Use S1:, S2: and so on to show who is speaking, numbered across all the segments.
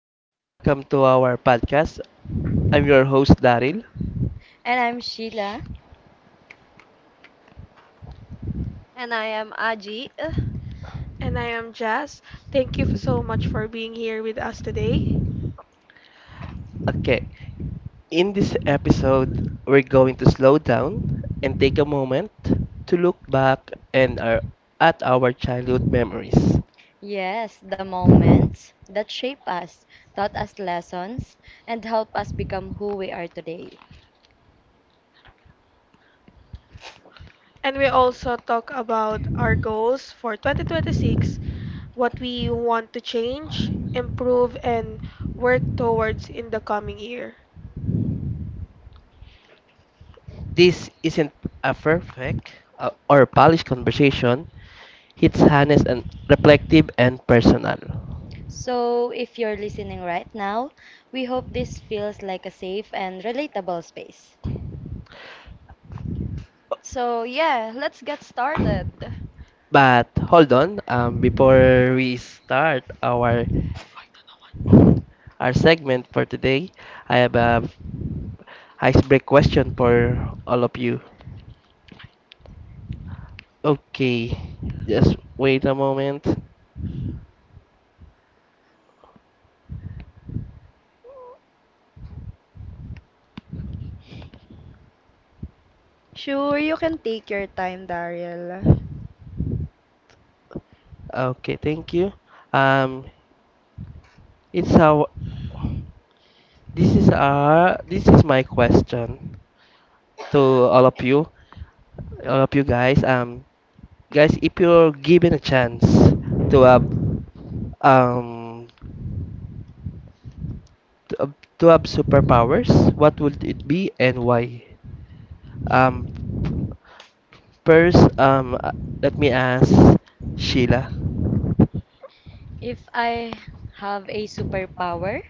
S1: and welcome to our podcast. I'm your host, Daryl.
S2: And I'm Sheila.
S3: And I am Aji.
S4: And I am Jazz. Thank you so much for being here with us today.
S1: Okay, in this episode, we're going to slow down and take a moment to look back and our, at our childhood memories.
S2: Yes, the moments that shape us, taught us lessons, and help us become who we are today.
S4: And we also talk about our goals for 2026, what we want to change, improve, and work towards in the coming year.
S1: This isn't a perfect or polished conversation, it's honest and reflective and personal.
S2: So, if you're listening right now, we hope this feels like a safe and relatable space.
S3: So, yeah, let's get started.
S1: But hold on, before we start our segment for today, I have a icebreak question for all of you. Okay, just wait a moment.
S3: Sure, you can take your time, Daryl.
S1: Okay, thank you. Um, it's how this is our this is my question to all of you guys. Guys, if you're given a chance to have um to have superpowers, what would it be and why? Um first um uh, let me ask Sheila.
S2: If I have a superpower,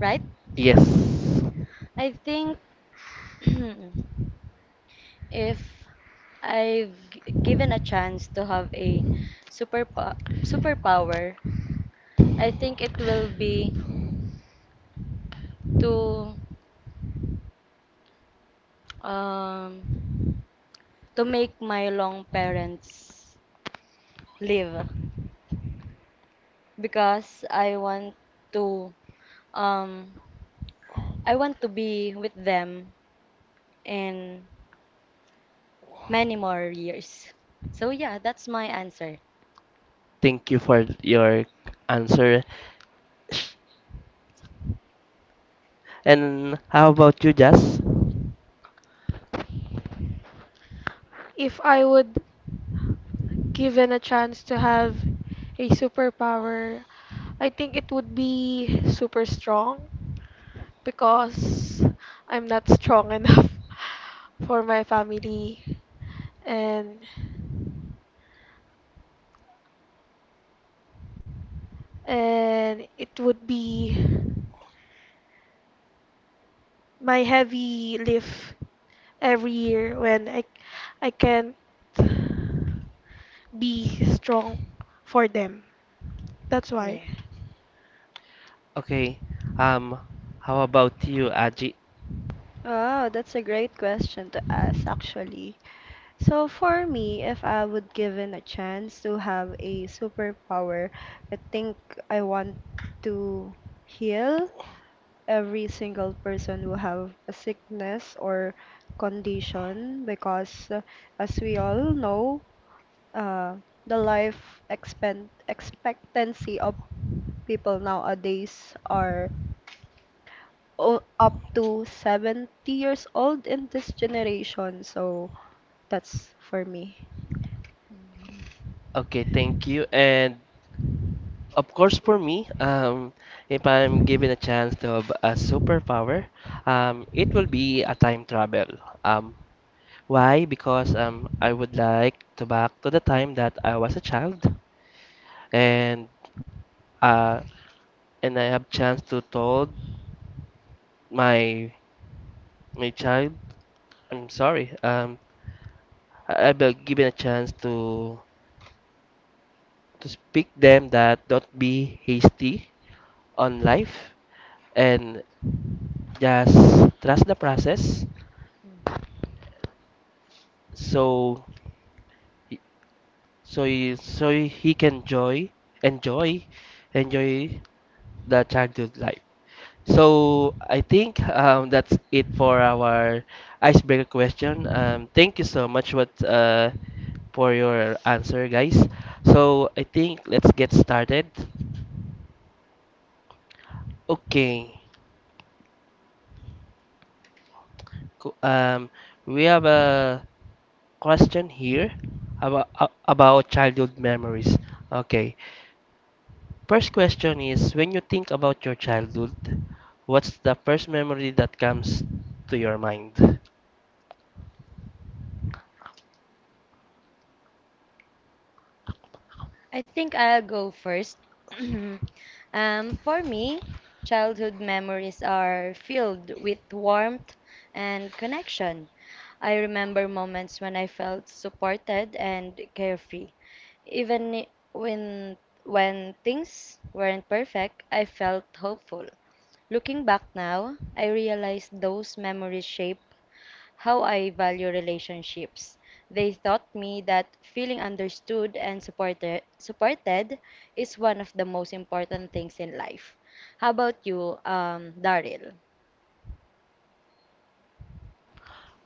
S2: right?
S1: Yes,
S2: I think if I've given a chance to have a super superpower, I think it will be to Um, to make my long parents live because to um I want to be with them in many more years. So yeah, that's my answer.
S1: thank you for your answer, Sh- and how about you, Jess?
S4: If I would given a chance to have a superpower, I think it would be super strong because I'm not strong enough for my family and it would be my heavy lift every year when I can't be strong for them. That's why.
S2: Yeah.
S1: Okay, um how about you, Aji?
S3: Oh, that's a great question to ask, actually. So, for me, if I would given a chance to have a superpower, I think I want to heal every single person who have a sickness or condition because as we all know uh, the life expectancy of people nowadays are up to 70 years old in this generation. So that's for me.
S1: Okay, thank you. And of course, for me, if I'm given a chance to have a superpower, it will be a time travel. Um, why? Because I would like to back to the time that I was a child, and uh, and I have chance to told my my child, I'm sorry. I've been given a chance to speak them that don't be hasty on life and just trust the process
S2: Mhm.
S1: so so he can enjoy enjoy the childhood life. So I think that's it for our icebreaker question. Thank you so much what for your answer, guys. So I think let's get started. Okay. Co- Um, we have a question here about, about childhood memories. Okay. First question is when you think about your childhood, what's the first memory that comes to your mind?
S2: I think I'll go first. For me, childhood memories are filled with warmth and connection. I remember moments when I felt supported and carefree. Even when things weren't perfect, I felt hopeful. Looking back now, I realize those memories shape how I value relationships. They taught me that feeling understood and supported is one of the most important things in life. How about you, Daryl?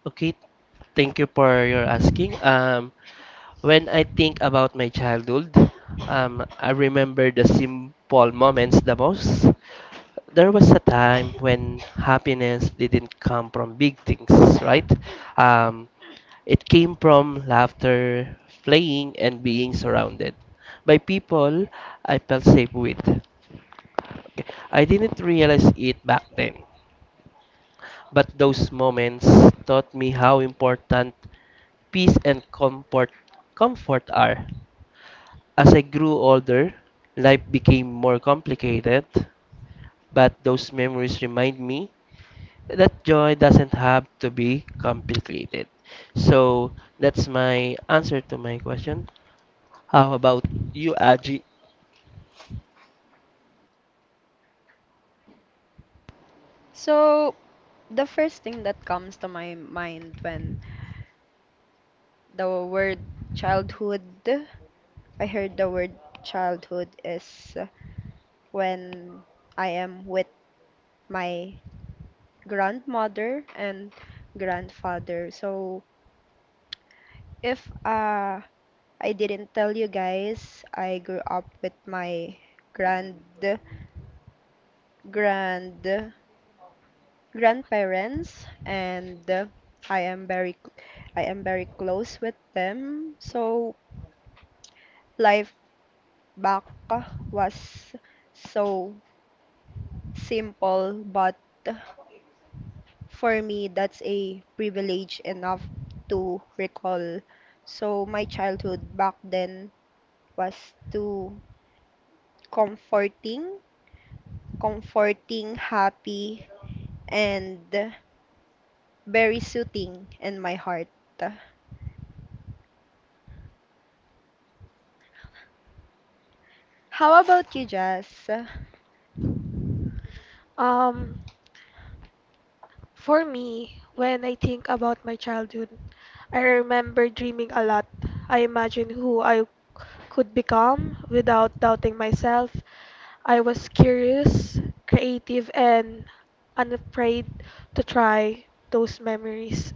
S1: Okay, thank you for your asking. When I think about my childhood, I remember the simple moments the most. There was a time when happiness didn't come from big things, right? Um, it came from laughter, playing, and being surrounded by people I felt safe with. Okay, I didn't realize it back then, but those moments taught me how important peace and comfort are. As I grew older, life became more complicated, but those memories remind me that joy doesn't have to be complicated. So that's my answer to my question. How about you, Aji?
S3: So the first thing that comes to my mind when the word childhood, I heard the word childhood is when I am with my grandmother and grandfather. So If I didn't tell you guys, I grew up with my grand, grand, grandparents, and I am very, I am very close with them. So life back was so simple, but for me, that's a privilege enough to recall. So my childhood back then was too comforting comforting, happy, and very soothing in my heart. How about you, Jazz?
S4: Um, For me, when I think about my childhood, I remember dreaming a lot. I imagined who I could become without doubting myself. I was curious, creative, and unafraid to try those memories.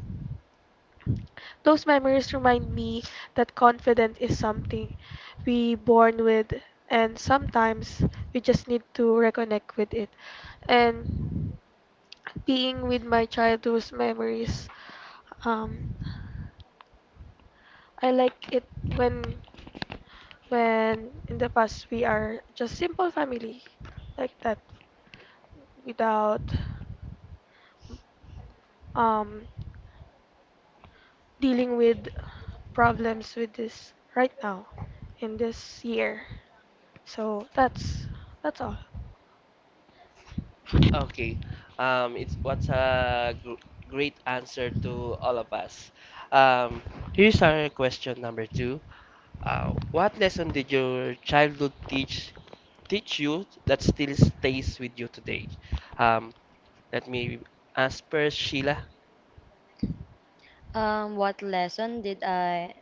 S4: Those memories remind me that confidence is something we born with and sometimes we just need to reconnect with it. And being with my childhood memories. Um, I like it when in the past we are just simple family like that without um dealing with problems with this right now in this year. So that's all.
S1: Okay. It's what's a gr Great answer to all of us. Um, Here's our question number two. What lesson did your childhood teach you that still stays with you today? Um, Let me ask first, Sheila.
S2: What lesson did I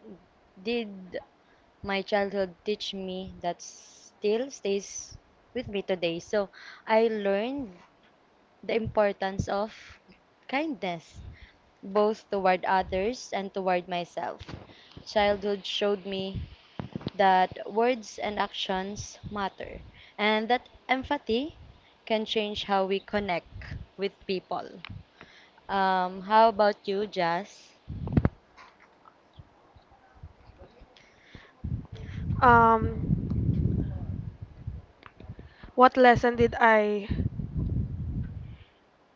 S2: did my childhood teach me that still stays with me today? So I learned the importance of kindness, both toward others and toward myself. Childhood showed me that words and actions matter, and that empathy can change how we connect with people. How about you, Jazz?
S4: Um, what lesson did I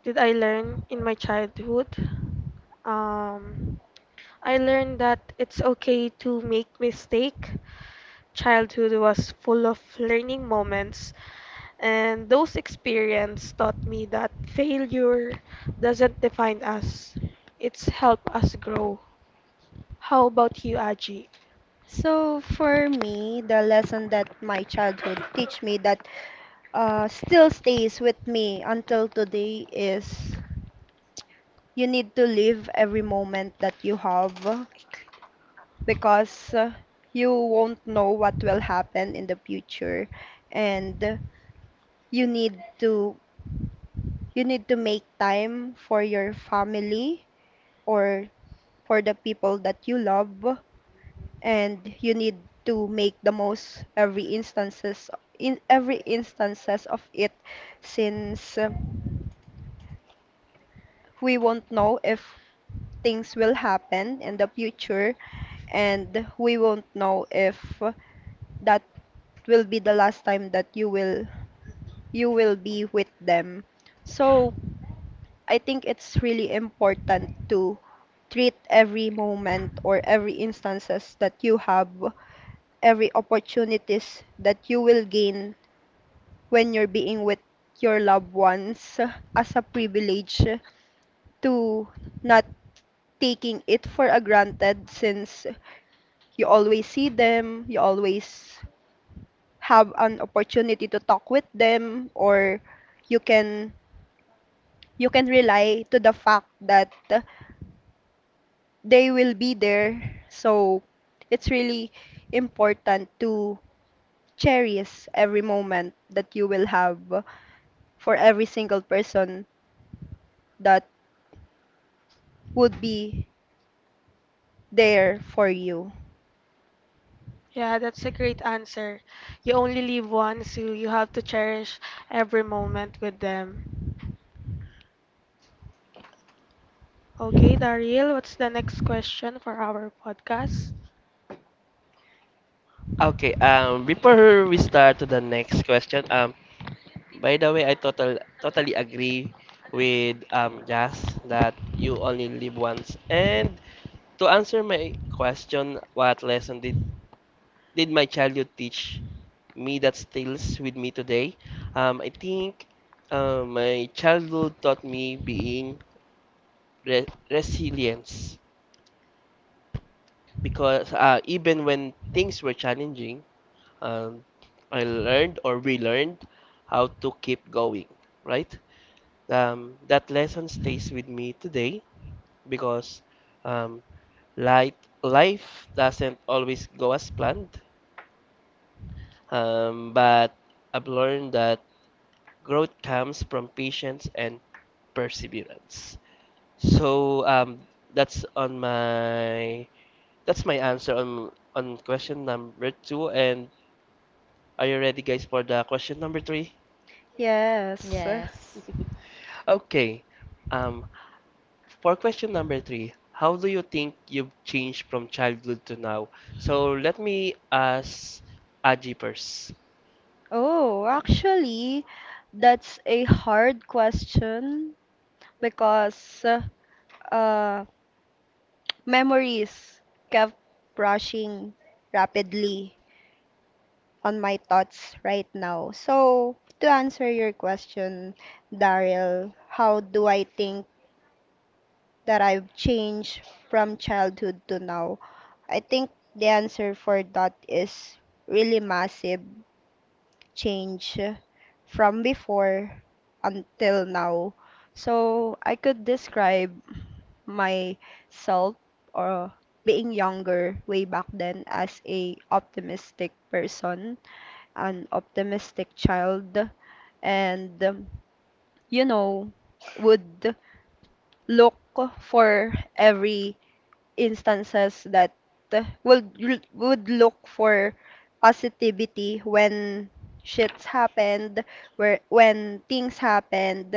S4: did I learn in my childhood? Um, I learned that it's okay to make mistake. Childhood was full of learning moments, and those experiences taught me that failure doesn't define us. It's help us grow. How about you, Aji?
S3: So for me, the lesson that my childhood teach me that still stays with me until today is you need to live every moment that you have because you won't know what will happen in the future and you need to you need to make time for your family or for the people that you love and you need to make the most every instances in every instances of it since we won't know if things will happen in the future and we won't know if that will be the last time that you will be with them. So I think it's really important to treat every moment or every instances that you have, every opportunities that you will gain when you're being with your loved ones as a privilege to not taking it for a granted since you always see them, you always have an opportunity to talk with them or you can you can rely to the fact that they will be there. So it's really important to cherish every moment that you will have for every single person that would be there for you.
S4: Yeah, that's a great answer. You only live once, so you have to cherish every moment with them. Okay, Daryl, what's the next question for our podcast?
S1: Okay. Before we start to the next question, by the way, I totally agree with Jazz that you only live once, and to answer my question, what lesson did my childhood teach me that stills with me today? I think my childhood taught me being resilience because even when things were challenging, um, I learned or we learned how to keep going. Right? That lesson stays with me today because um, light, life doesn't always go as planned. But I've learned that growth comes from patience and perseverance. So that's on my that's my answer on question number two. And are you ready, guys, for the question number three?
S3: Yes.
S2: Yes.
S1: Okay. Um, for question number three, how do you think you've changed from childhood to now? So let me ask Aji first.
S3: Oh, actually, that's a hard question because uh, memories kept rushing rapidly on my thoughts right now. So, to answer your question, Daryl, how do I think that I've changed from childhood to now? I think the answer for that is really massive change from before until now. So I could describe myself or being younger way back then as a optimistic person, an optimistic child, and you know, would look for every instances that would look for positivity when shits happened, where when things happened,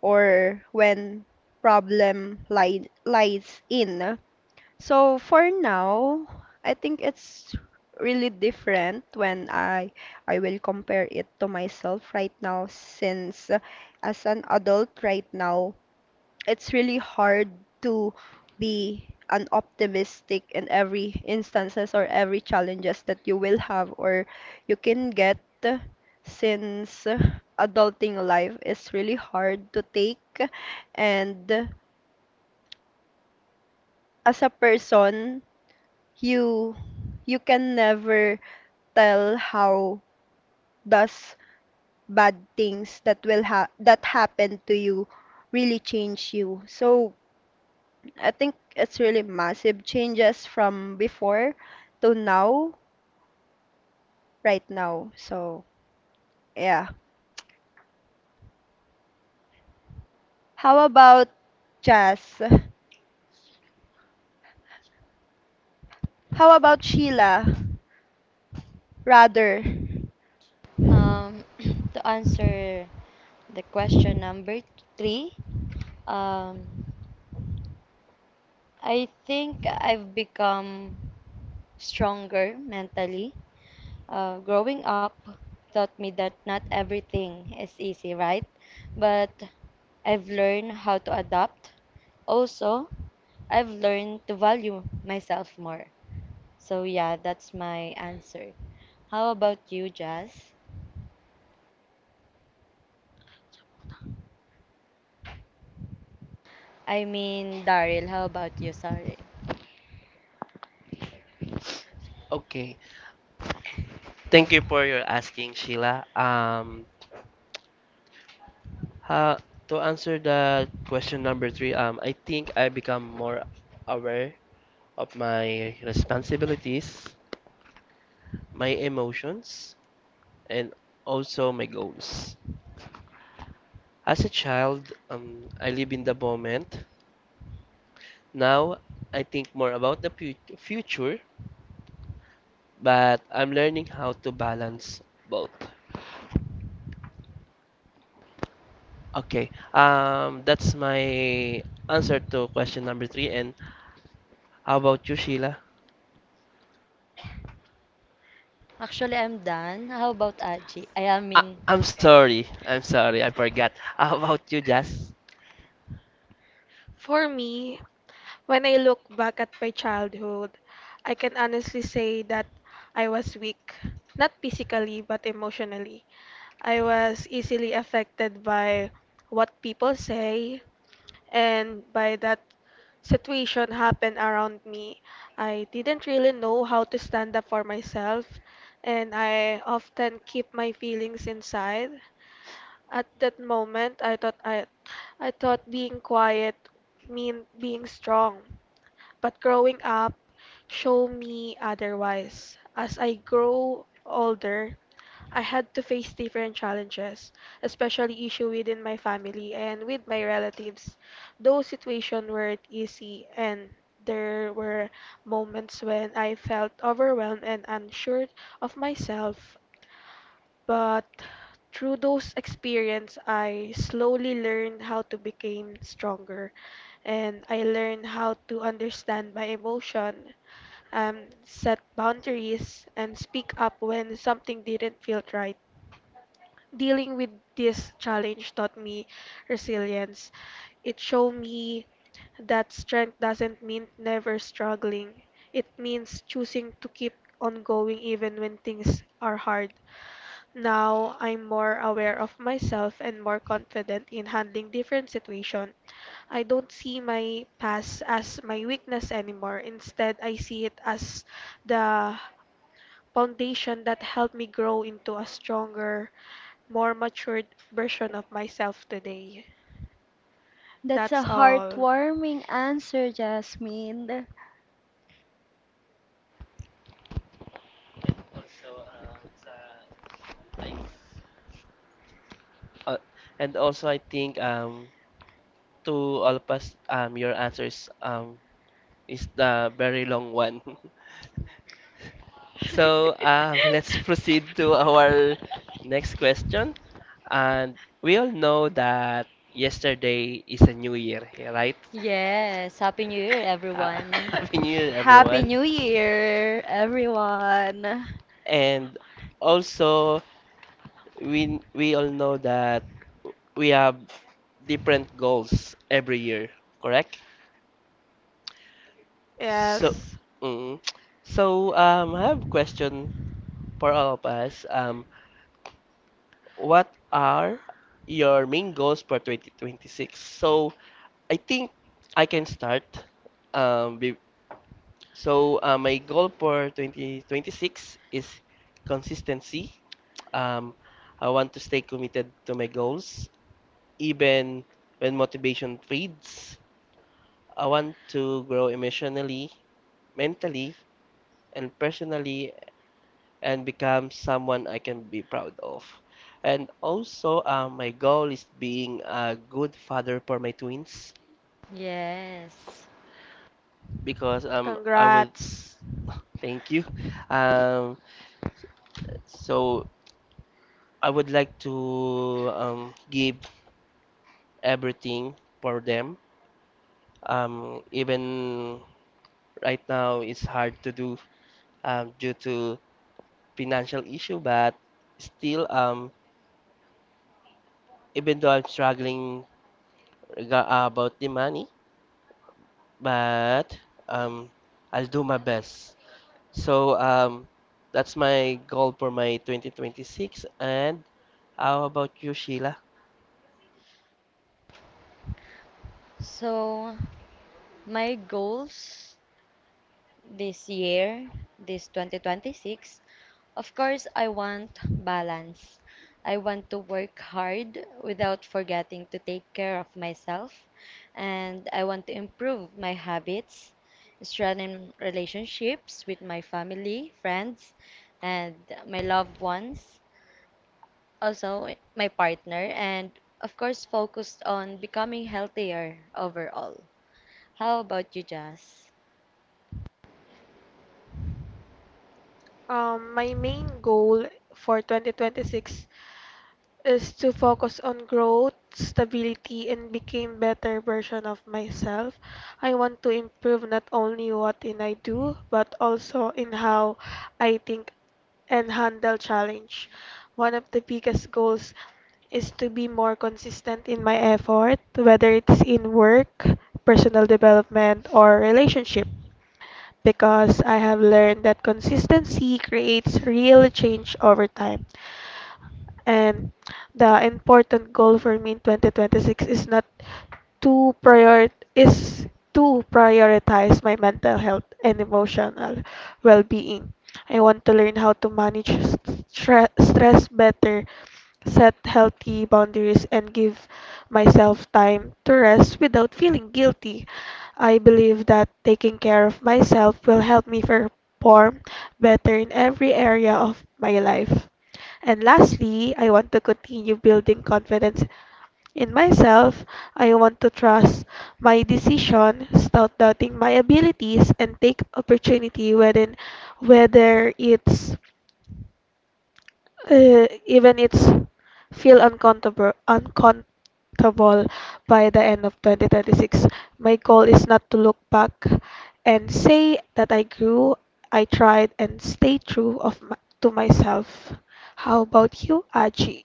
S3: or when problem li lies in. So for now, I think it's really different when I will compare it to myself right now since as an adult right now it's really hard to be an optimistic in every instances or every challenges that you will have or you can get since adulting life is really hard to take and as a person you you can never tell how does bad things that will ha that happen to you really change you. So I think it's really massive changes from before to now, right now. So, yeah. How about Jazz? How about Sheila? Rather,
S2: Um, to answer the question number three, um, I think I've become stronger mentally growing up taught me that not everything is easy, right? But I've learned how to adapt. Also, I've learned to value myself more. So, yeah, that's my answer. How about you, Jazz? I mean, Daryl, how about you? Sorry.
S1: Okay. Thank you for your asking, Sheila. Uh, to answer the question number three, I think I become more aware of my responsibilities, my emotions, and also my goals. As a child, I live in the moment. Now, I think more about the future, but I'm learning how to balance both. Okay, that's my answer to question number three. And how about you, Sheila?
S2: Actually, I'm done. How about Aji? I am
S1: I,
S2: in.
S1: I'm sorry. I'm sorry. I forgot. How about you, Jazz?
S4: For me, when I look back at my childhood, I can honestly say that I was weak, not physically, but emotionally. I was easily affected by what people say and by that situation happened around me. I didn't really know how to stand up for myself, and I often keep my feelings inside. At that moment, I thought I thought being quiet meant being strong, but growing up showed me otherwise. As I grow older, I had to face different challenges, especially issues within my family and with my relatives. Those situations weren't easy, and there were moments when I felt overwhelmed and unsure of myself. But through those experience, I slowly learned how to become stronger, and I learned how to understand my emotion, set boundaries, and speak up when something didn't feel right. Dealing with this challenge taught me resilience. It showed me that strength doesn't mean never struggling. It means choosing to keep on going even when things are hard. Now I'm more aware of myself and more confident in handling different situations. I don't see my past as my weakness anymore. Instead, I see it as the foundation that helped me grow into a stronger, more matured version of myself today.
S3: that's a
S4: That's all.
S3: heartwarming answer, Jasmine.
S1: Uh, and also, I think to all of us, your answers is the very long one. So let's proceed to our next question. And we all know that yesterday is a new year, yeah, right?
S2: Yes, Happy New Year,
S1: Uh,
S2: everyone.
S1: Happy New Year,
S3: Happy
S1: everyone.
S3: New Year, everyone.
S1: And also, we all know that we have different goals every year, correct? So,
S4: Yes.
S1: mm, I have a question for all of us. What are your main goals for 2026? So, I think I can start. Um, be, my goal for 2026 is consistency. Um, I want to stay committed to my goals even when motivation fades. I want to grow emotionally, mentally, and personally, and become someone I can be proud of. And also, my goal is being a good father for my twins
S2: Yes.
S1: because I would
S4: Congrats.
S1: thank you. Um, so I would like to give everything for them. Even right now, it's hard to do due to financial issue, but still, even though I'm struggling about the money, but um, I'll do my best. So that's my goal for my 2026. And how about you, Sheila?
S2: So, my goals this year, this 2026, of course, I want balance. I want to work hard without forgetting to take care of myself, and I want to improve my habits, strengthen relationships with my family, friends, and my loved ones, also my partner, and of course, focused on becoming healthier overall. How about you, Jazz?
S4: My main goal for 2026 is to focus on growth, stability, and become better version of myself. I want to improve not only what in I do, but also in how I think and handle challenge. One of the biggest goals is to be more consistent in my effort, whether it's in work, personal development, or relationship because I have learned that consistency creates real change over time. And the important goal for me in 2026 is not to prior is to prioritize my mental health and emotional well-being. I want to learn how to manage stress better, set healthy boundaries, and give myself time to rest without feeling guilty. I believe that taking care of myself will help me perform better in every area of my life. And lastly, I want to continue building confidence in myself. I want to trust my decision, stop doubting my abilities, and take opportunity whether it's even it's feel uncomfortable by the end of 2026. My goal is not to look back and say that I grew, I tried, and stay true to myself. How about you, Aji?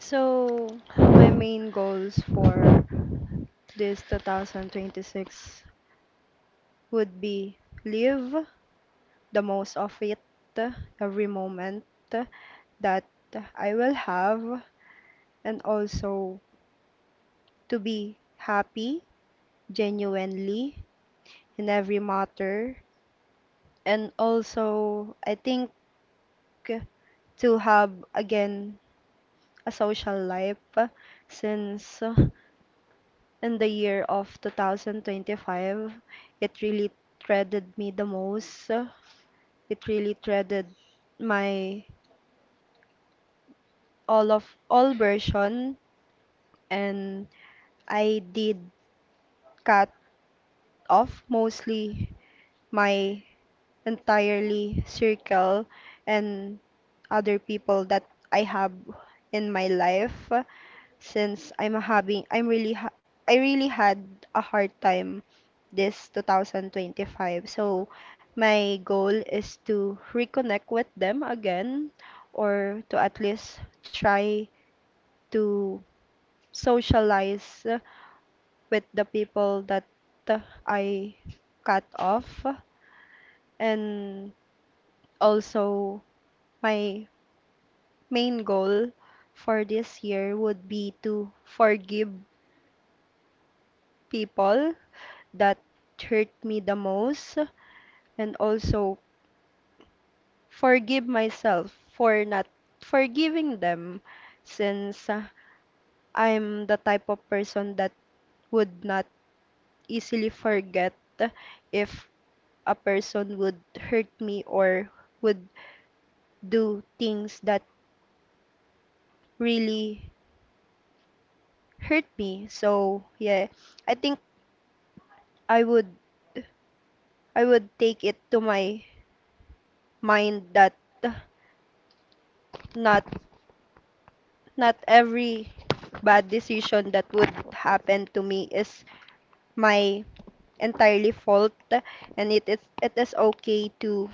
S3: So, my main goals for this 2026 would be live the most of it, every moment that I will have, and also to be happy genuinely in every matter. And also, I think to have again a social life since in the year of 2025, it really threaded me the most. It really threaded my all of all version and I did cut off mostly my entirely circle and other people that I have in my life since I'm having I'm really ha- I really had a hard time this 2025. So my goal is to reconnect with them again or to at least try to socialize with the people that uh, I cut off. And also, my main goal for this year would be to forgive people that hurt me the most and also forgive myself for not forgiving them since I'm the type of person that would not easily forget if a person would hurt me or would do things that really hurt me. So yeah, I think I would I would take it to my mind that uh, not not every bad decision that would happen to me is my entirely fault and it is okay to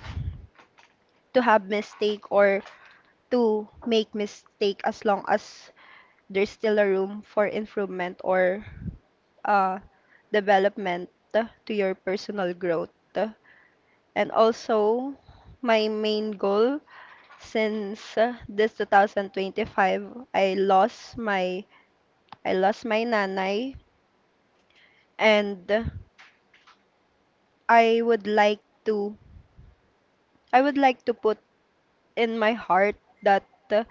S3: have mistake or to make mistake as long as there's still a room for improvement or uh, development to your personal growth. And also, my main goal since this 2025, I lost my nanay, and I would like to I would like to put in my heart that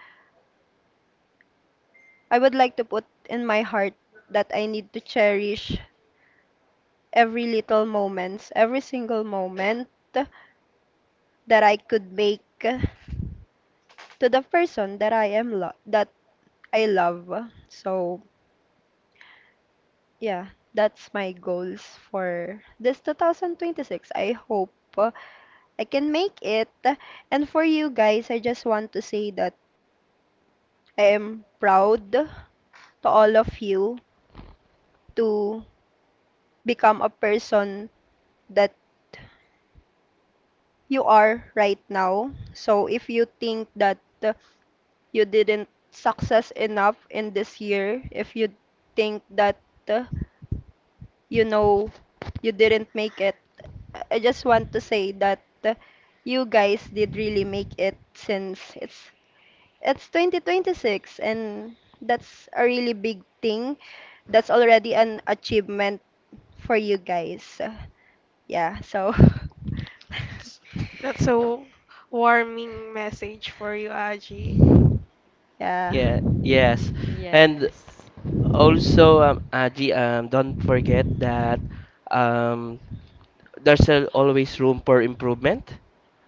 S3: I would like to put in my heart that I need to cherish every little moments, every single moment that I could make to the person that I love. So, yeah, that's my goals for this 2026. I hope I can make it. And for you guys, I just want to say that I am proud to all of you to become a person that you are right now. So if you think that you didn't success enough in this year, if you think that uh, you know you didn't make it, I just want to say that you guys did really make it since it's 2026 and that's a really big thing. That's already an achievement for you guys. Yeah, so
S4: That's that's a warming message for you, Aji.
S3: yeah.
S1: Yeah, yes. And
S2: Yes.
S1: also, Aji, don't forget that um, always room for improvement.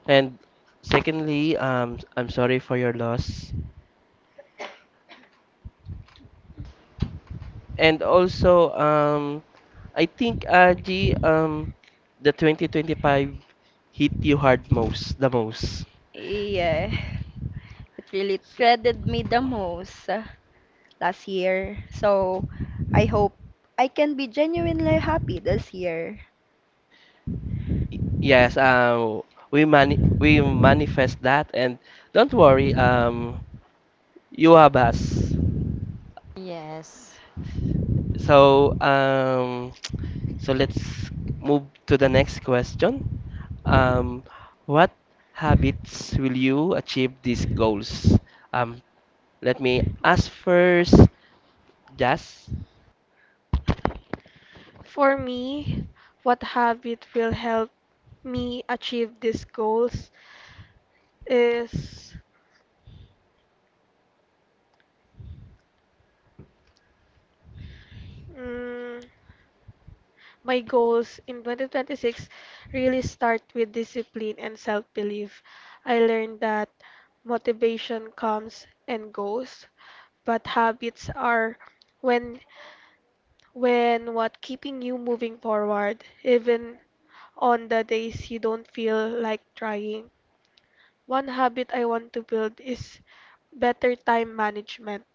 S1: And secondly, I'm sorry for your loss. And also, I think Aji, the 2025 hit you hard most, the most.
S3: Yeah, it really
S1: So,
S3: threaded me the most last year. So I hope I can be genuinely happy this year.
S1: yes, we manifest that, and don't worry, you have us.
S2: Yes.
S1: So, so let's move to the next question. Um, what habits will you achieve these goals? Um, Let me ask first, Jazz.
S4: For me, what habit will help me achieve these goals is mm, my goals in 2026 really start with discipline and self-belief. I learned that motivation comes and goes, but habits are when when what keeping you moving forward even on the days you don't feel like trying. One habit I want to build is better time management.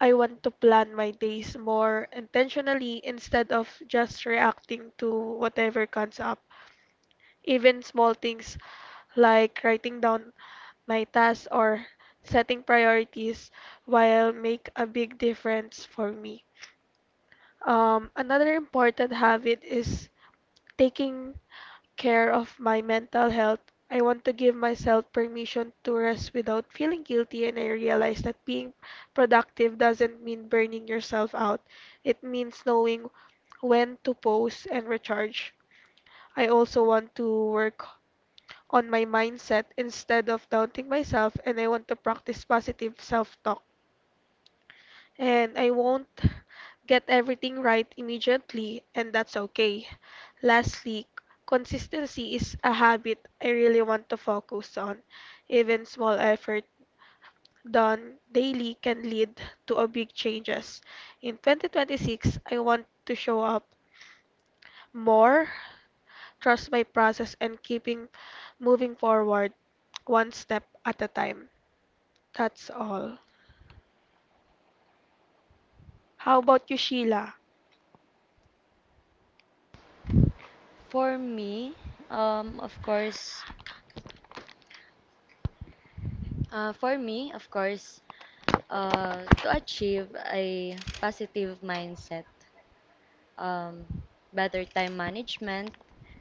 S4: I want to plan my days more intentionally instead of just reacting to whatever comes up. Even small things like writing down my tasks or setting priorities will make a big difference for me. Another important habit is taking care of my mental health. I want to give myself permission to rest without feeling guilty, and I realize that being productive doesn't mean burning yourself out. It means knowing when to pause and recharge. I also want to work on my mindset instead of doubting myself, and I want to practice positive self talk. And I won't get everything right immediately, and that's okay. Lastly, consistency is a habit I really want to focus on. Even small effort done daily can lead to a big changes. In 2026, I want to show up more, trust my process and keeping moving forward one step at a time. That's all. How about you, Sheila?
S2: For me, of course, for me, of course, to achieve a positive mindset, um, better time management,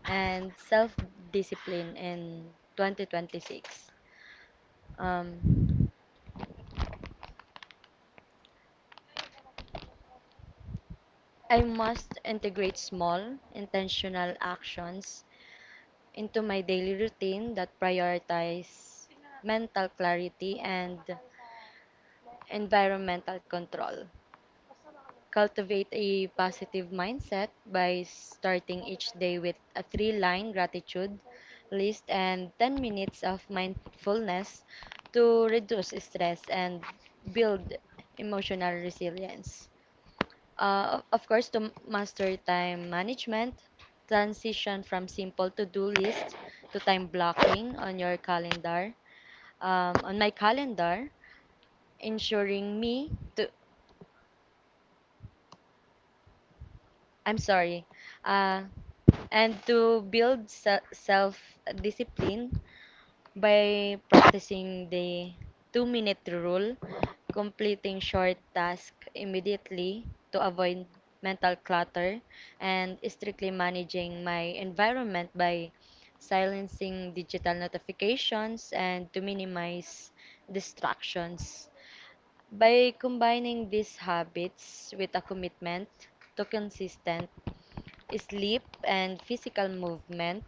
S2: and self-discipline in 2026. Um, I must integrate small, intentional actions into my daily routine that prioritize mental clarity and environmental control. Cultivate a positive mindset by starting each day with a three line gratitude list and 10 minutes of mindfulness to reduce stress and build emotional resilience. Of course, to master time management, transition from simple to do list to time blocking on your calendar. On my calendar, ensuring me to I'm sorry. Uh, and to build self discipline by practicing the two-minute rule, completing short tasks immediately to avoid mental clutter, and strictly managing my environment by silencing digital notifications and to minimize distractions. By combining these habits with a commitment to consistent sleep, and physical movement,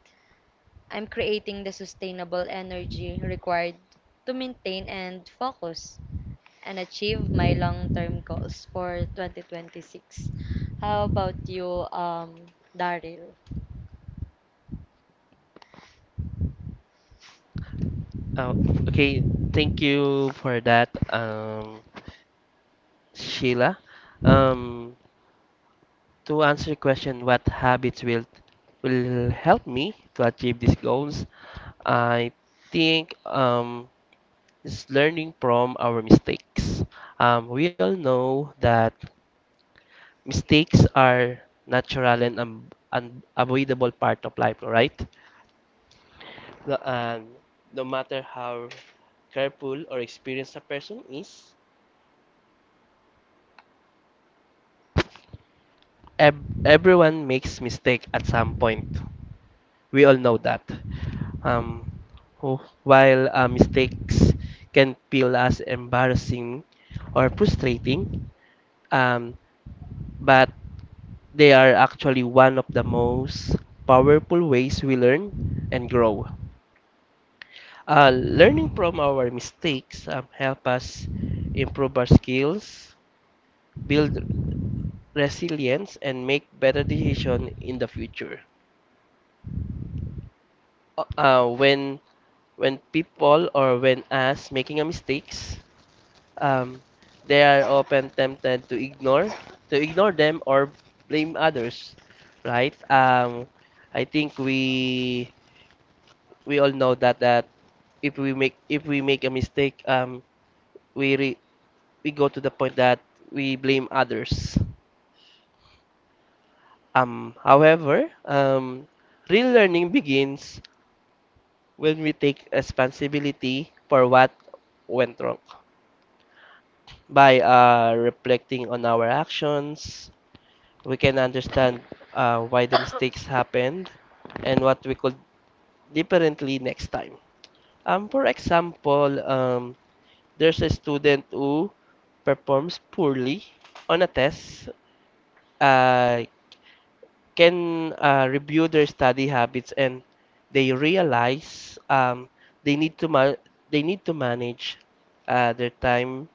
S2: I'm creating the sustainable energy required to maintain and focus and achieve my long term goals for 2026. How about you, Daryl?
S1: Oh, okay. Thank you for that, Sheila. Um, to answer your question, what habits will help me to achieve these goals? I think is learning from our mistakes. We all know that mistakes are natural and unavoidable part of life, right? No, and no matter how careful or experienced a person is, everyone makes mistake at some point. We all know that. Um, while mistakes can feel as embarrassing or frustrating, um, but they are actually one of the most powerful ways we learn and grow. Learning from our mistakes help us improve our skills, build resilience, and make better decisions in the future. Uh, when when people or when us making a mistakes, um, they are often tempted to ignore them or blame others, right? I think we all know that that if we make a mistake, we re, we go to the point that we blame others. However, real learning begins when we take responsibility for what went wrong. By reflecting on our actions, we can understand why the mistakes happened and what we could differently next time. For example, there's a student who performs poorly on a test, uh, can review their study habits, and they realize they need to ma- they need to manage their time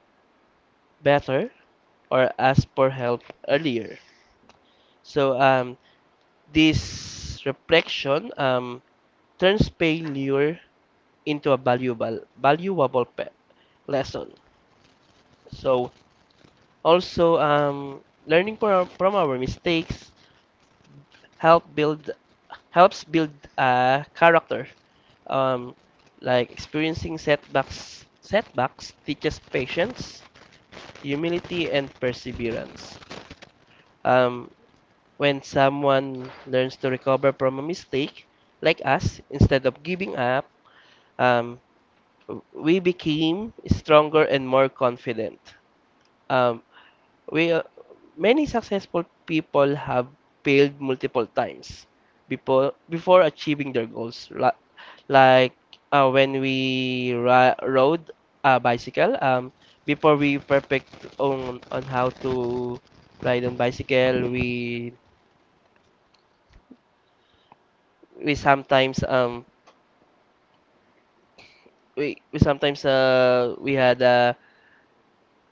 S1: better or ask for help earlier. So this reflection turns failure into a valuable lesson. So also from our mistakes help build helps build character. Um, like experiencing setbacks teaches patience, humility, and perseverance. Um, When someone learns to recover from a mistake, like us, instead of giving up, um, we became stronger and more confident. Um, we Many successful people have failed multiple times before achieving their goals. Like when we ri rode a bicycle, before we perfect on how to ride on bicycle, we sometimes um we sometimes we had a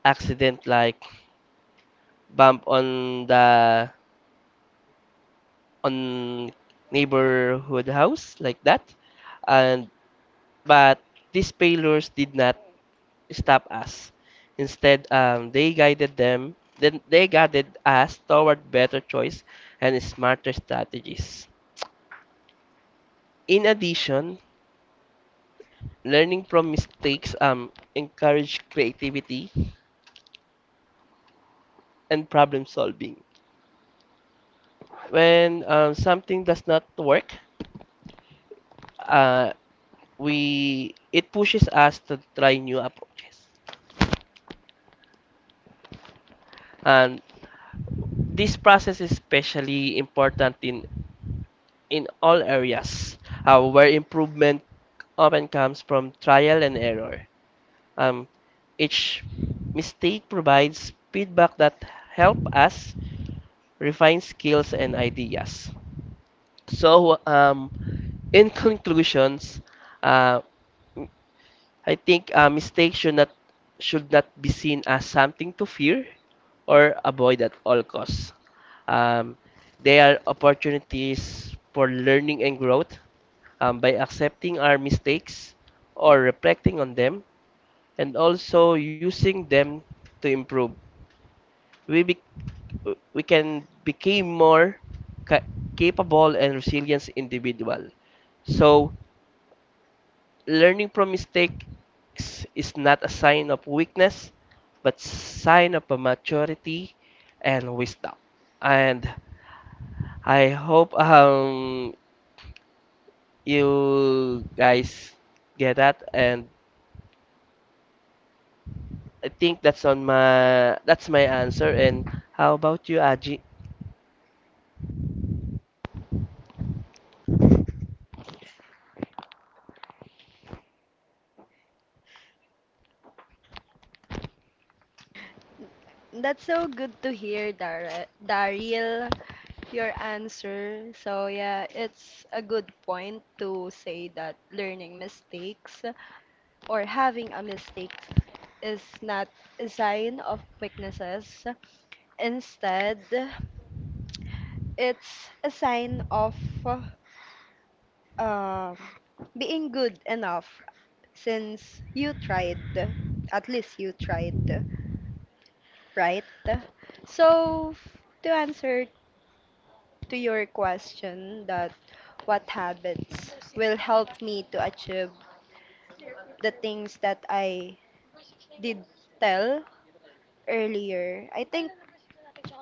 S1: accident like bump on the on neighborhood house like that, and but these failures did not stop us. Instead, they guided them then they guided us toward better choice and smarter strategies. In addition, learning from mistakes encourage creativity and problem solving. When something does not work, uh, we it pushes us to try new approaches. And this process is especially important in all areas where improvement often comes from trial and error. Um, each mistake provides feedback that help us refine skills and ideas. So in conclusions, uh, I think mistakes should not be seen as something to fear or avoid at all costs. Um, they are opportunities for learning and growth, by accepting our mistakes or reflecting on them and also using them to improve. We be, we can become more ca- capable and resilient individual. So learning from mistakes is not a sign of weakness but sign of maturity and wisdom. And I hope you guys get that, and I think that's my answer. And how about you, Aji?
S3: That's so good to hear, Daryl, your answer. So yeah, it's a good point to say that learning mistakes or having a mistake is not a sign of weaknesses. Instead, it's a sign of um, being good enough since you tried. At least you tried, right? So, to answer to your question that what habits will help me to achieve the things that I did tell earlier, I think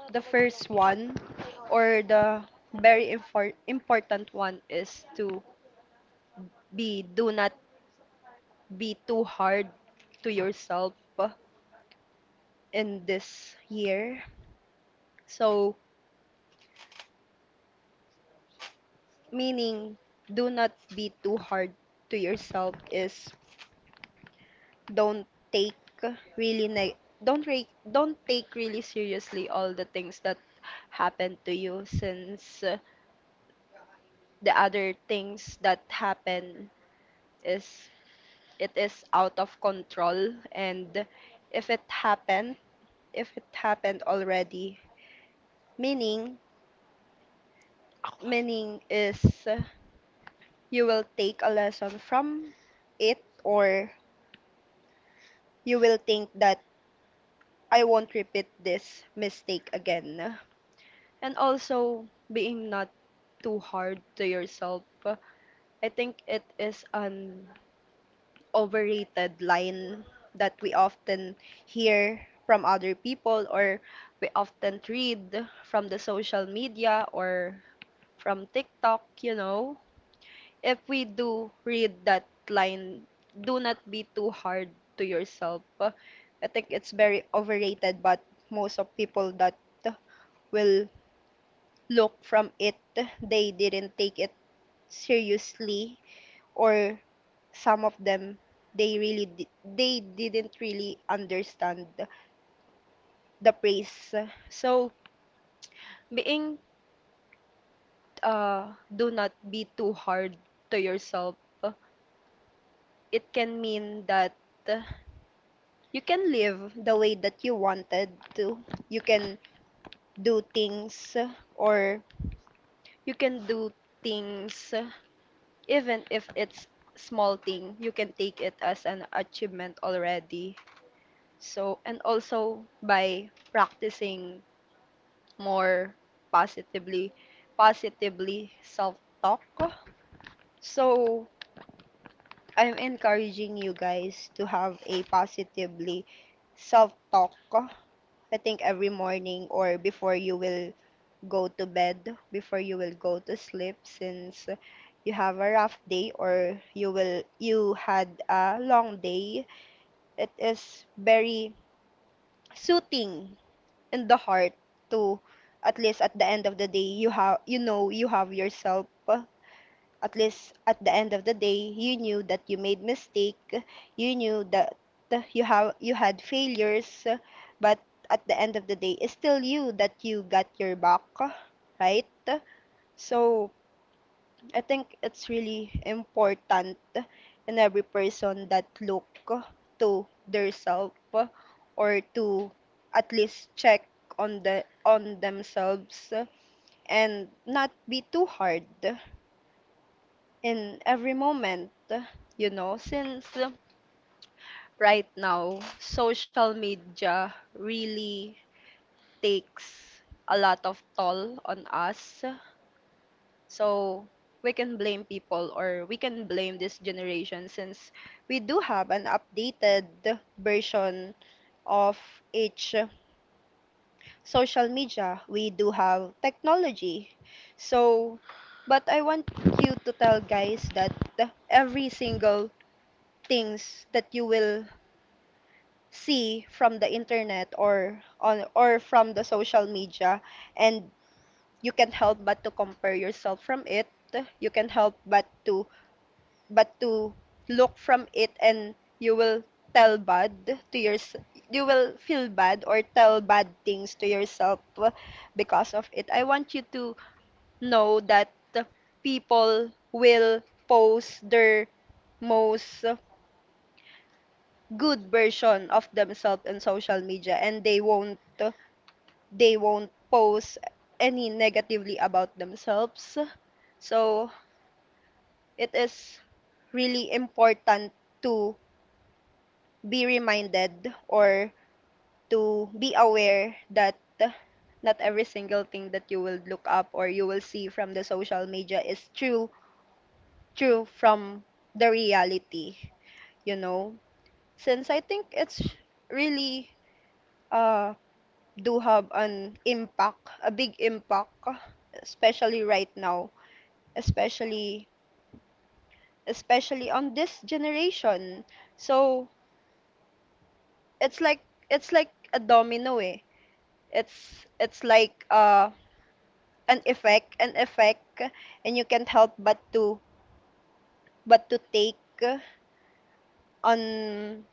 S3: the first one or the very important one is to be do not be too hard to yourself in this year. So, meaning, do not be too hard to yourself is don't take really neg don't take really seriously all the things that happened to you since the other things that happen is it is out of control and if it happened if it happened already, meaning meaning is you will take a lesson from it or you will think that I won't repeat this mistake again. And also being not too hard to yourself. I think it is an overrated line that we often hear from other people or we often read from the social media or from TikTok, you know. If we do read that line, do not be too hard to yourself, I think it's very overrated, but most of people that will look from it, they didn't take it seriously, or some of them they didn't really understand the praise. So being do not be too hard to yourself, it can mean that you can live the way that you wanted to. You can do things or you can do things even if it's small thing. You can take it as an achievement already. So, and also by practicing more positively, positively self-talk. So, I'm encouraging you guys to have a positively self-talk. I think every morning or before you will go to bed, before you will go to sleep, since you have a rough day or you had a long day, it is very soothing in the heart to at least at the end of the day you have, you know, you have yourself. At least at the end of the day you knew that you made mistake, you knew that you had failures, but at the end of the day it's still you that you got your back, right? So I think it's really important in every person that look to their self or to at least check on themselves and not be too hard in every moment, you know, since right now social media really takes a lot of toll on us. So we can blame people or we can blame this generation since we do have an updated version of each social media. We do have technology. So, but I want you to tell guys that every single things that you will see from the internet or on or from the social media and you can help but to compare yourself from it, you can help but to but to look from it and you will tell bad to yourself, you will feel bad or tell bad things to yourself because of it. I want you to know that people will post their most good version of themselves on social media, and they won't post any negatively about themselves. So it is really important to be reminded or to be aware that not every single thing that you will look up or you will see from the social media is true, true from the reality, you know, since I think it's really uh do have an impact, a big impact, especially right now, especially especially on this generation. So it's like it's like a domino, eh, it's like an effect, an effect, and you can't help but to take on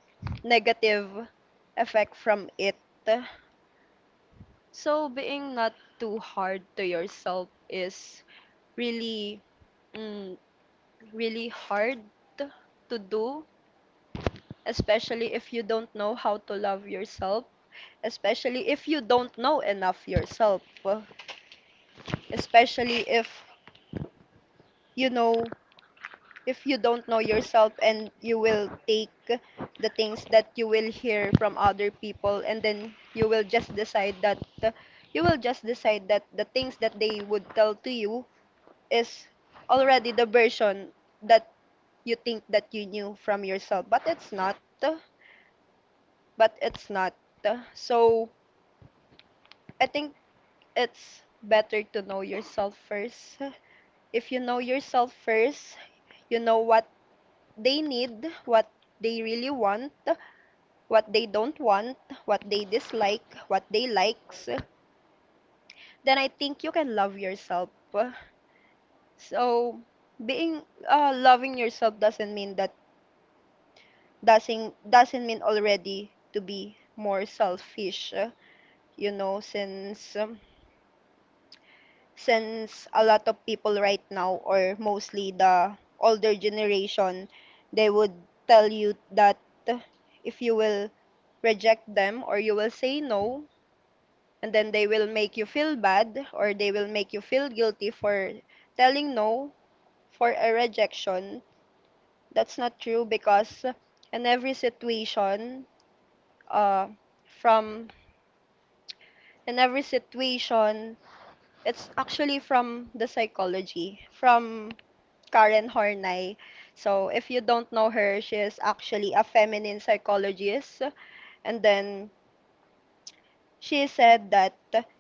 S3: negative effect from it. So being not too hard to yourself is really, mm, really hard to do, especially if you don't know how to love yourself, especially if you don't know enough yourself, especially if, you know, if you don't know yourself, and you will take the things that you will hear from other people, and then you will just decide that the things that they would tell to you is already the version that you think that you knew from yourself, but it's not, it's not so I think it's better to know yourself first. If you know yourself first, you know what they need, what they really want, what they don't want, what they dislike, what they likes, then I think you can love yourself. So being loving yourself doesn't mean that doesn't mean already to be more selfish, you know, since a lot of people right now, or mostly the older generation, they would tell you that if you will reject them or you will say no, and then they will make you feel bad or they will make you feel guilty for telling no, for a rejection. That's not true, because in every situation, uh from in every situation, it's actually from the psychology from Karen Horney. So if you don't know her, she is actually a feminine psychologist. And then she said that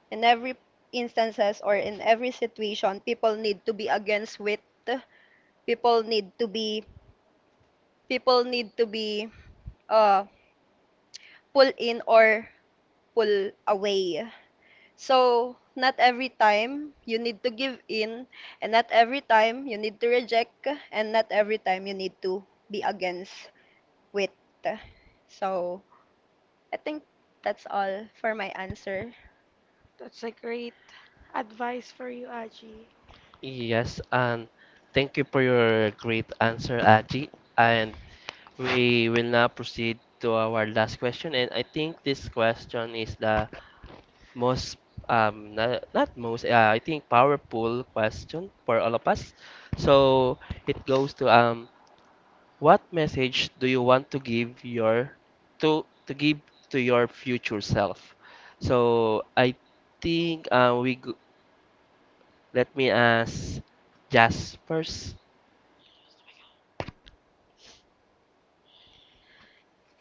S3: in every instances or in every situation, people need to be against with, people need to be, people need to be, uh, pull in or pull away. So, not every time you need to give in, and not every time you need to reject, and not every time you need to be against with. So, I think that's all for my answer.
S4: That's a great advice for you, Aji.
S1: Yes, and thank you for your great answer, Aji. And we will now proceed to our last question, and I think this question is the most, not most, I think powerful question for all of us. So it goes to, what message do you want to give your to give to your future self? So I think let me ask Jas first.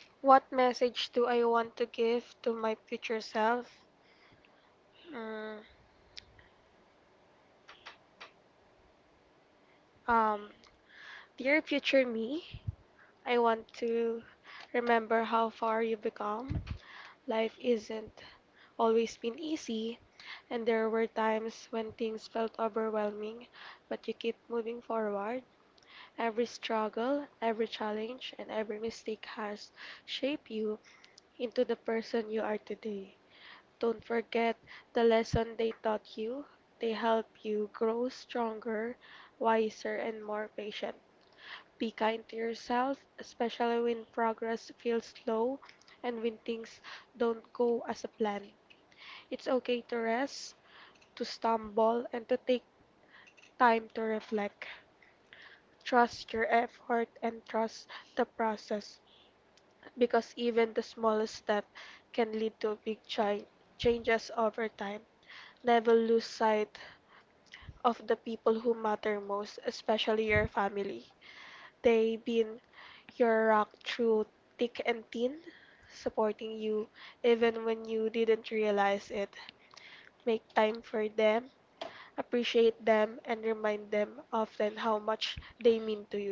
S4: What message do I want to give to my future self? Mm, um, Dear future me, I want to remember how far you become. Life isn't always been easy, and there were times when things felt overwhelming, but you keep moving forward. Every struggle, every challenge, and every mistake has shaped you into the person you are today. Don't forget the lesson they taught you. They help you grow stronger, wiser, and more patient. Be kind to yourself, especially when progress feels slow and when things don't go as a plan. It's okay to rest, to stumble, and to take time to reflect. Trust your effort and trust the process because even the smallest step can lead to big changes over time. Never lose sight of the people who matter most, especially your family. They been your rock through thick and thin, supporting you even when you didn't realize it. Make time for them, appreciate them, and remind them often how much they mean to you.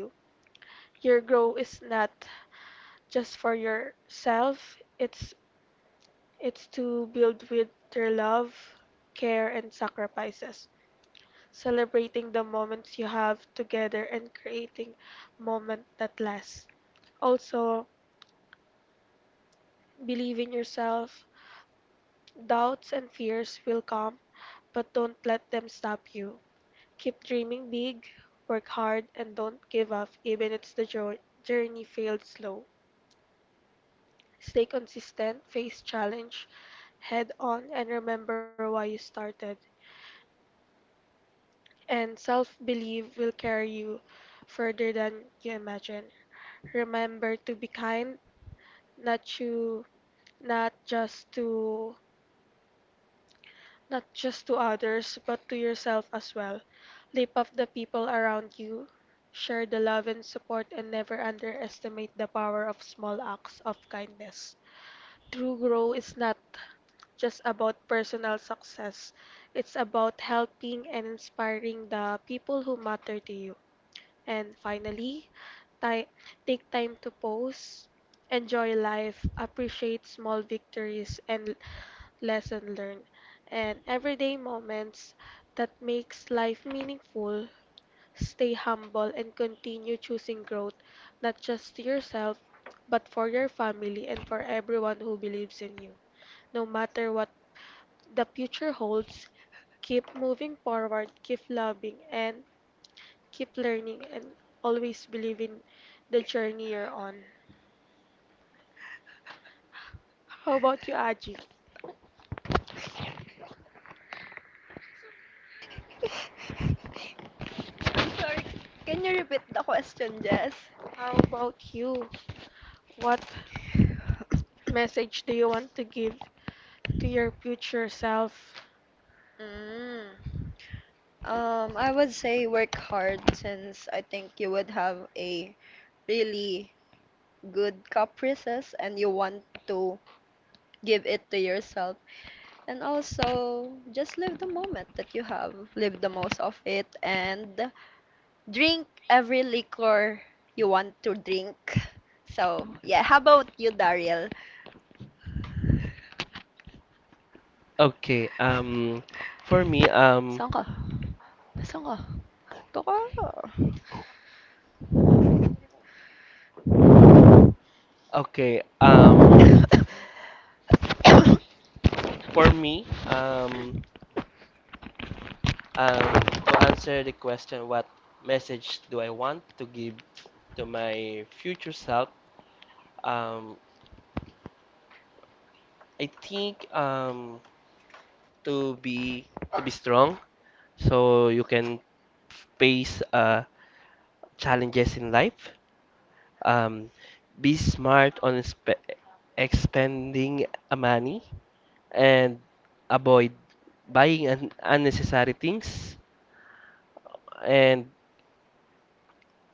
S4: Your growth is not just for yourself, it's to build with their love, care, and sacrifices. Celebrating the moments you have together and creating moment that lasts. Also, believe in yourself. Doubts and fears will come, but don't let them stop you. Keep dreaming big, work hard, and don't give up even if the journey failed slow. Stay consistent, face challenge head on, and remember why you started. And self belief will carry you further than you imagine. Remember to be kind, not you, not just to not just to others, but to yourself as well. Leap of the people around you, share the love and support, and never underestimate the power of small acts of kindness. True growth is not just about personal success, it's about helping and inspiring the people who matter to you. And finally, ti- take time to pause, enjoy life, appreciate small victories, and lesson learned, and everyday moments that makes life meaningful. Stay humble and continue choosing growth, not just to yourself, but for your family and for everyone who believes in you. No matter what the future holds, keep moving forward, keep loving, and keep learning, and always believe in the journey you're on. How about you, Aji?
S3: I'm sorry. Can you repeat the question, Jess?
S4: How about you? What message do you want to give to your future self?
S3: Mm. I would say work hard, since I think you would have a really good caprices and you want to give it to yourself. And also, just live the moment that you have, live the most of it, and drink every liquor you want to drink. So, yeah, how about you, Daryl?
S1: Okay, for me
S3: Saan ka? Saan ka? Ito ka.
S1: okay, for me to answer the question, what message do I want to give to my future self? Um, I think to be to be strong, so you can face challenges in life. Um, be smart on expending money and avoid buying unnecessary things. And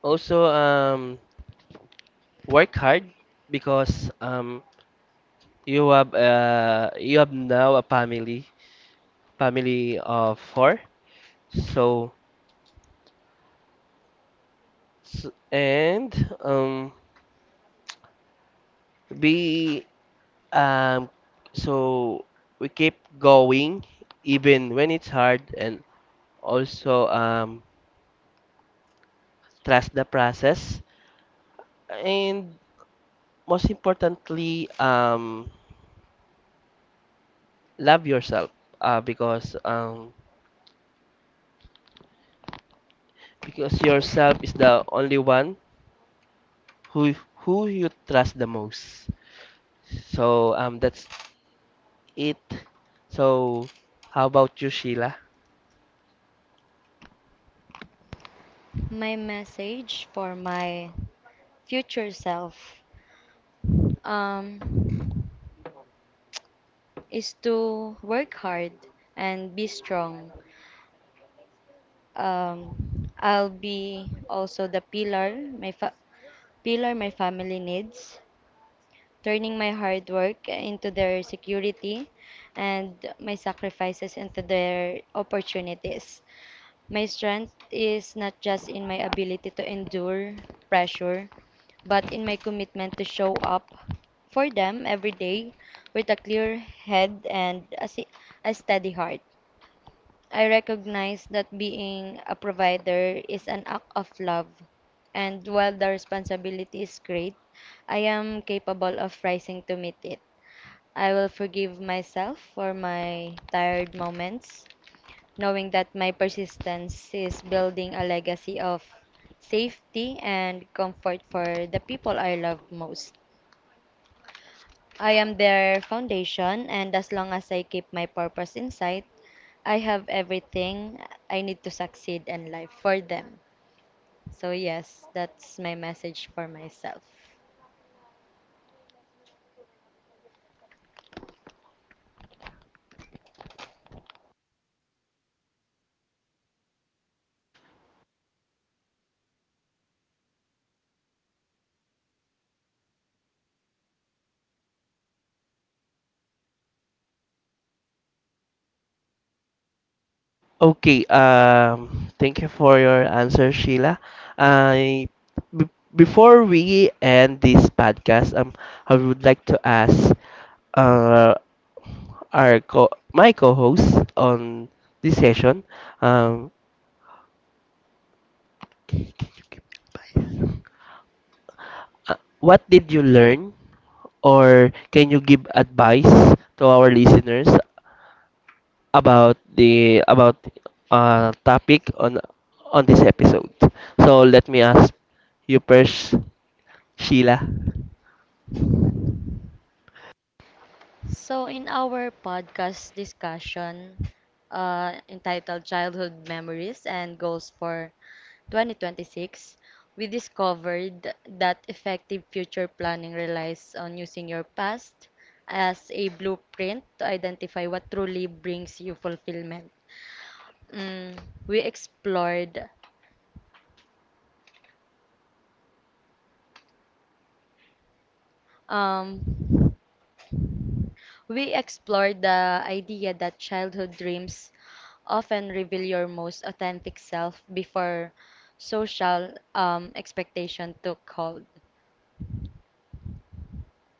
S1: also work hard because you have now a family of four. So, s and um, we um, so we keep going even when it's hard, and also trust the process, and most importantly, love yourself, uh, because um, because yourself is the only one who who you trust the most. So that's it. So, how about you, Sheila?
S2: My message for my future self um, is to work hard and be strong. I'll be also the pillar my family needs, turning my hard work into their security and my sacrifices into their opportunities. My strength is not just in my ability to endure pressure, but in my commitment to show up for them every day with a clear head and a steady heart. I recognize that being a provider is an act of love, and while the responsibility is great, I am capable of rising to meet it. I will forgive myself for my tired moments, knowing that my persistence is building a legacy of safety and comfort for the people I love most. I am their foundation, and as long as I keep my purpose in sight, I have everything I need to succeed in life for them. So, yes, that's my message for myself.
S1: Okay, thank you for your answer, Sheila. I b- Before we end this podcast, I would like to ask uh, our co my co-host on this session, um, what did you learn, or can you give advice to our listeners about the about topic on this episode. So let me ask you first, Sheila.
S2: So, in our podcast discussion entitled Childhood Memories and Goals for 2026, we discovered that effective future planning relies on using your past as a blueprint to identify what truly brings you fulfillment. Mm, we explored um, We explored the idea that childhood dreams often reveal your most authentic self before social expectation took hold,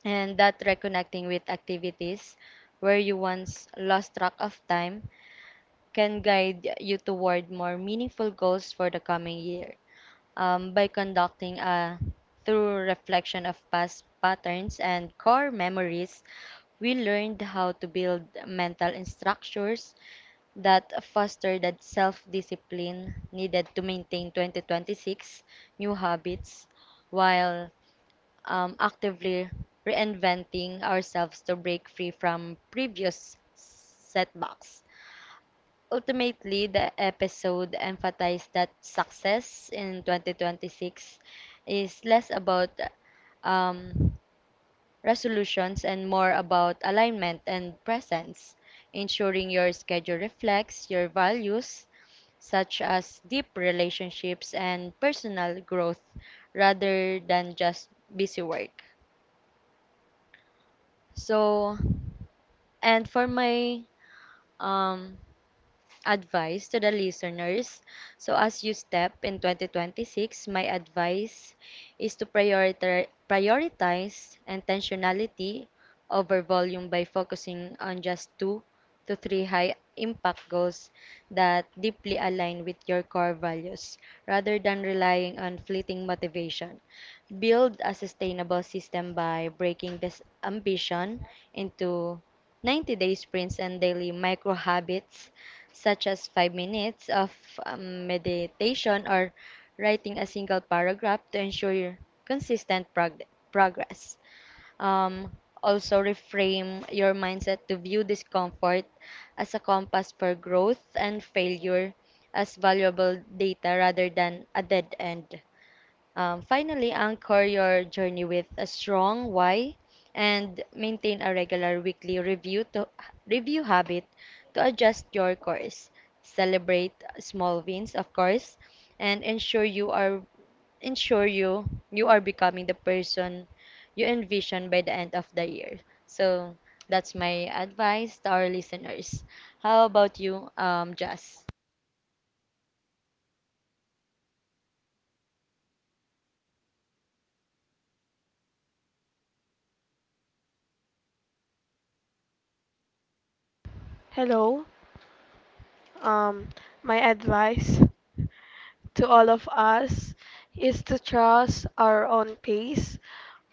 S2: and that reconnecting with activities where you once lost track of time can guide you toward more meaningful goals for the coming year. By conducting a through reflection of past patterns and core memories, we learned how to build mental structures that fostered that self-discipline needed to maintain 2026 new habits while actively reinventing ourselves to break free from previous setbacks. Ultimately, the episode emphasized that success in 2026 is less about um, resolutions and more about alignment and presence, ensuring your schedule reflects your values such as deep relationships and personal growth rather than just busy work. So, and for my um, advice to the listeners. So as you step in 2026, my advice is to prioritize intentionality over volume by focusing on just two to three high impact goals that deeply align with your core values rather than relying on fleeting motivation. Build a sustainable system by breaking this ambition into 90-day sprints and daily micro habits such as 5 minutes of meditation or writing a single paragraph to ensure your consistent progress. Um, Also, reframe your mindset to view discomfort as a compass for growth and failure as valuable data rather than a dead end. Finally, anchor your journey with a strong why and maintain a regular weekly review to review habit to adjust your course. Celebrate small wins, of course, and ensure you are becoming the person you envision by the end of the year. So that's my advice to our listeners. How about you, Jazz?
S4: Hello. Um, my advice to all of us is to trust our own pace.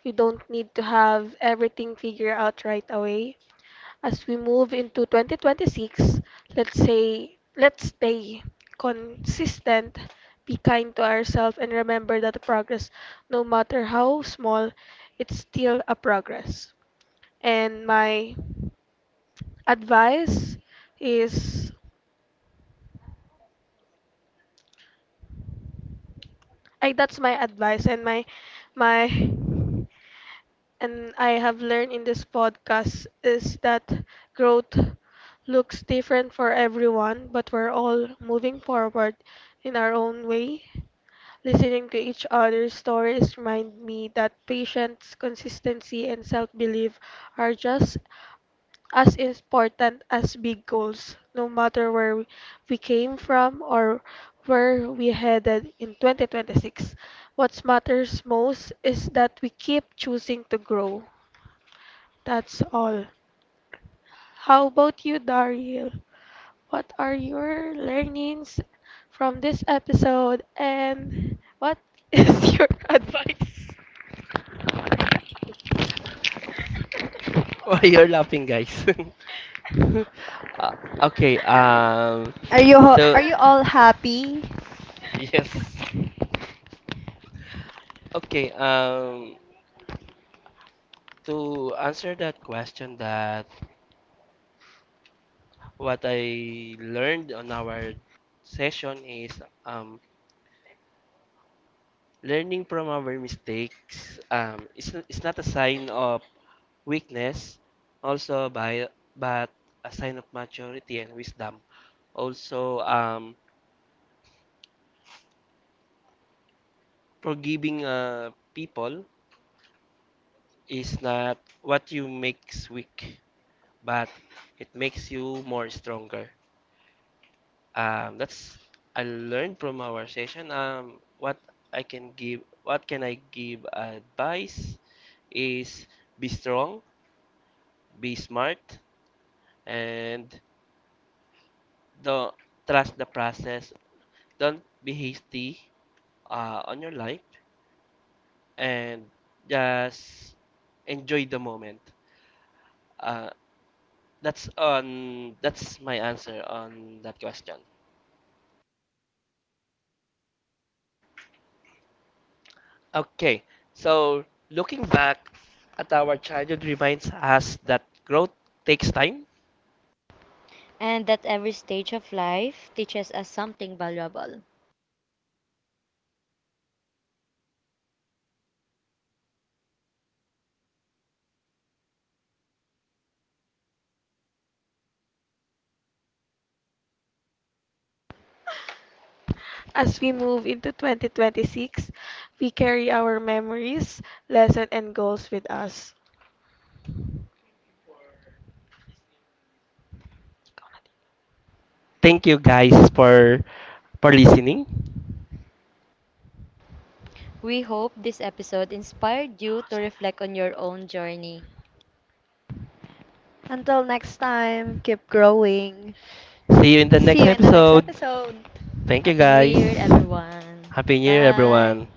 S4: We don't need to have everything figured out right away. As we move into 2026, let's stay consistent, be kind to ourselves, and remember that the progress, no matter how small, it's still a progress. And my advice is I That's my advice, and my and I have learned in this podcast is that growth looks different for everyone, but we're all moving forward in our own way. Listening to each other's stories remind me that patience, consistency, and self-belief are just as important as big goals, no matter where we came from or where we headed in 2026. What matters most is that we keep choosing to grow. That's all. How about you, Daryl? What are your learnings from this episode and what is your advice?
S1: Why you're laughing, guys? uh, okay.
S3: Are you are
S1: To
S3: you all happy?
S1: yes. Okay. To answer that question, that what I learned on our session is um learning from our mistakes, it's not a sign of weakness, also by but a sign of maturity and wisdom. Also, forgiving people is not what you makes weak, but it makes you more stronger. That's I learned from our session. What what can I give advice is be strong, be smart, and Don't trust the process. Don't be hasty on your life and just enjoy the moment. Uh, that's my answer on that question. Okay, so looking back at our childhood reminds us that growth takes time.
S2: And that every stage of life teaches us something valuable.
S4: As we move into 2026, we carry our memories, lessons, and goals with us.
S1: Thank you guys for listening.
S2: We hope this episode inspired you to reflect on your own journey.
S3: Until next time, keep growing.
S1: See you in the next
S3: See you in the next
S1: episode.
S3: episode.
S1: Thank you
S2: Happy New
S1: guys.
S2: Year, everyone.
S1: Happy New Year,
S2: Bye.
S1: everyone.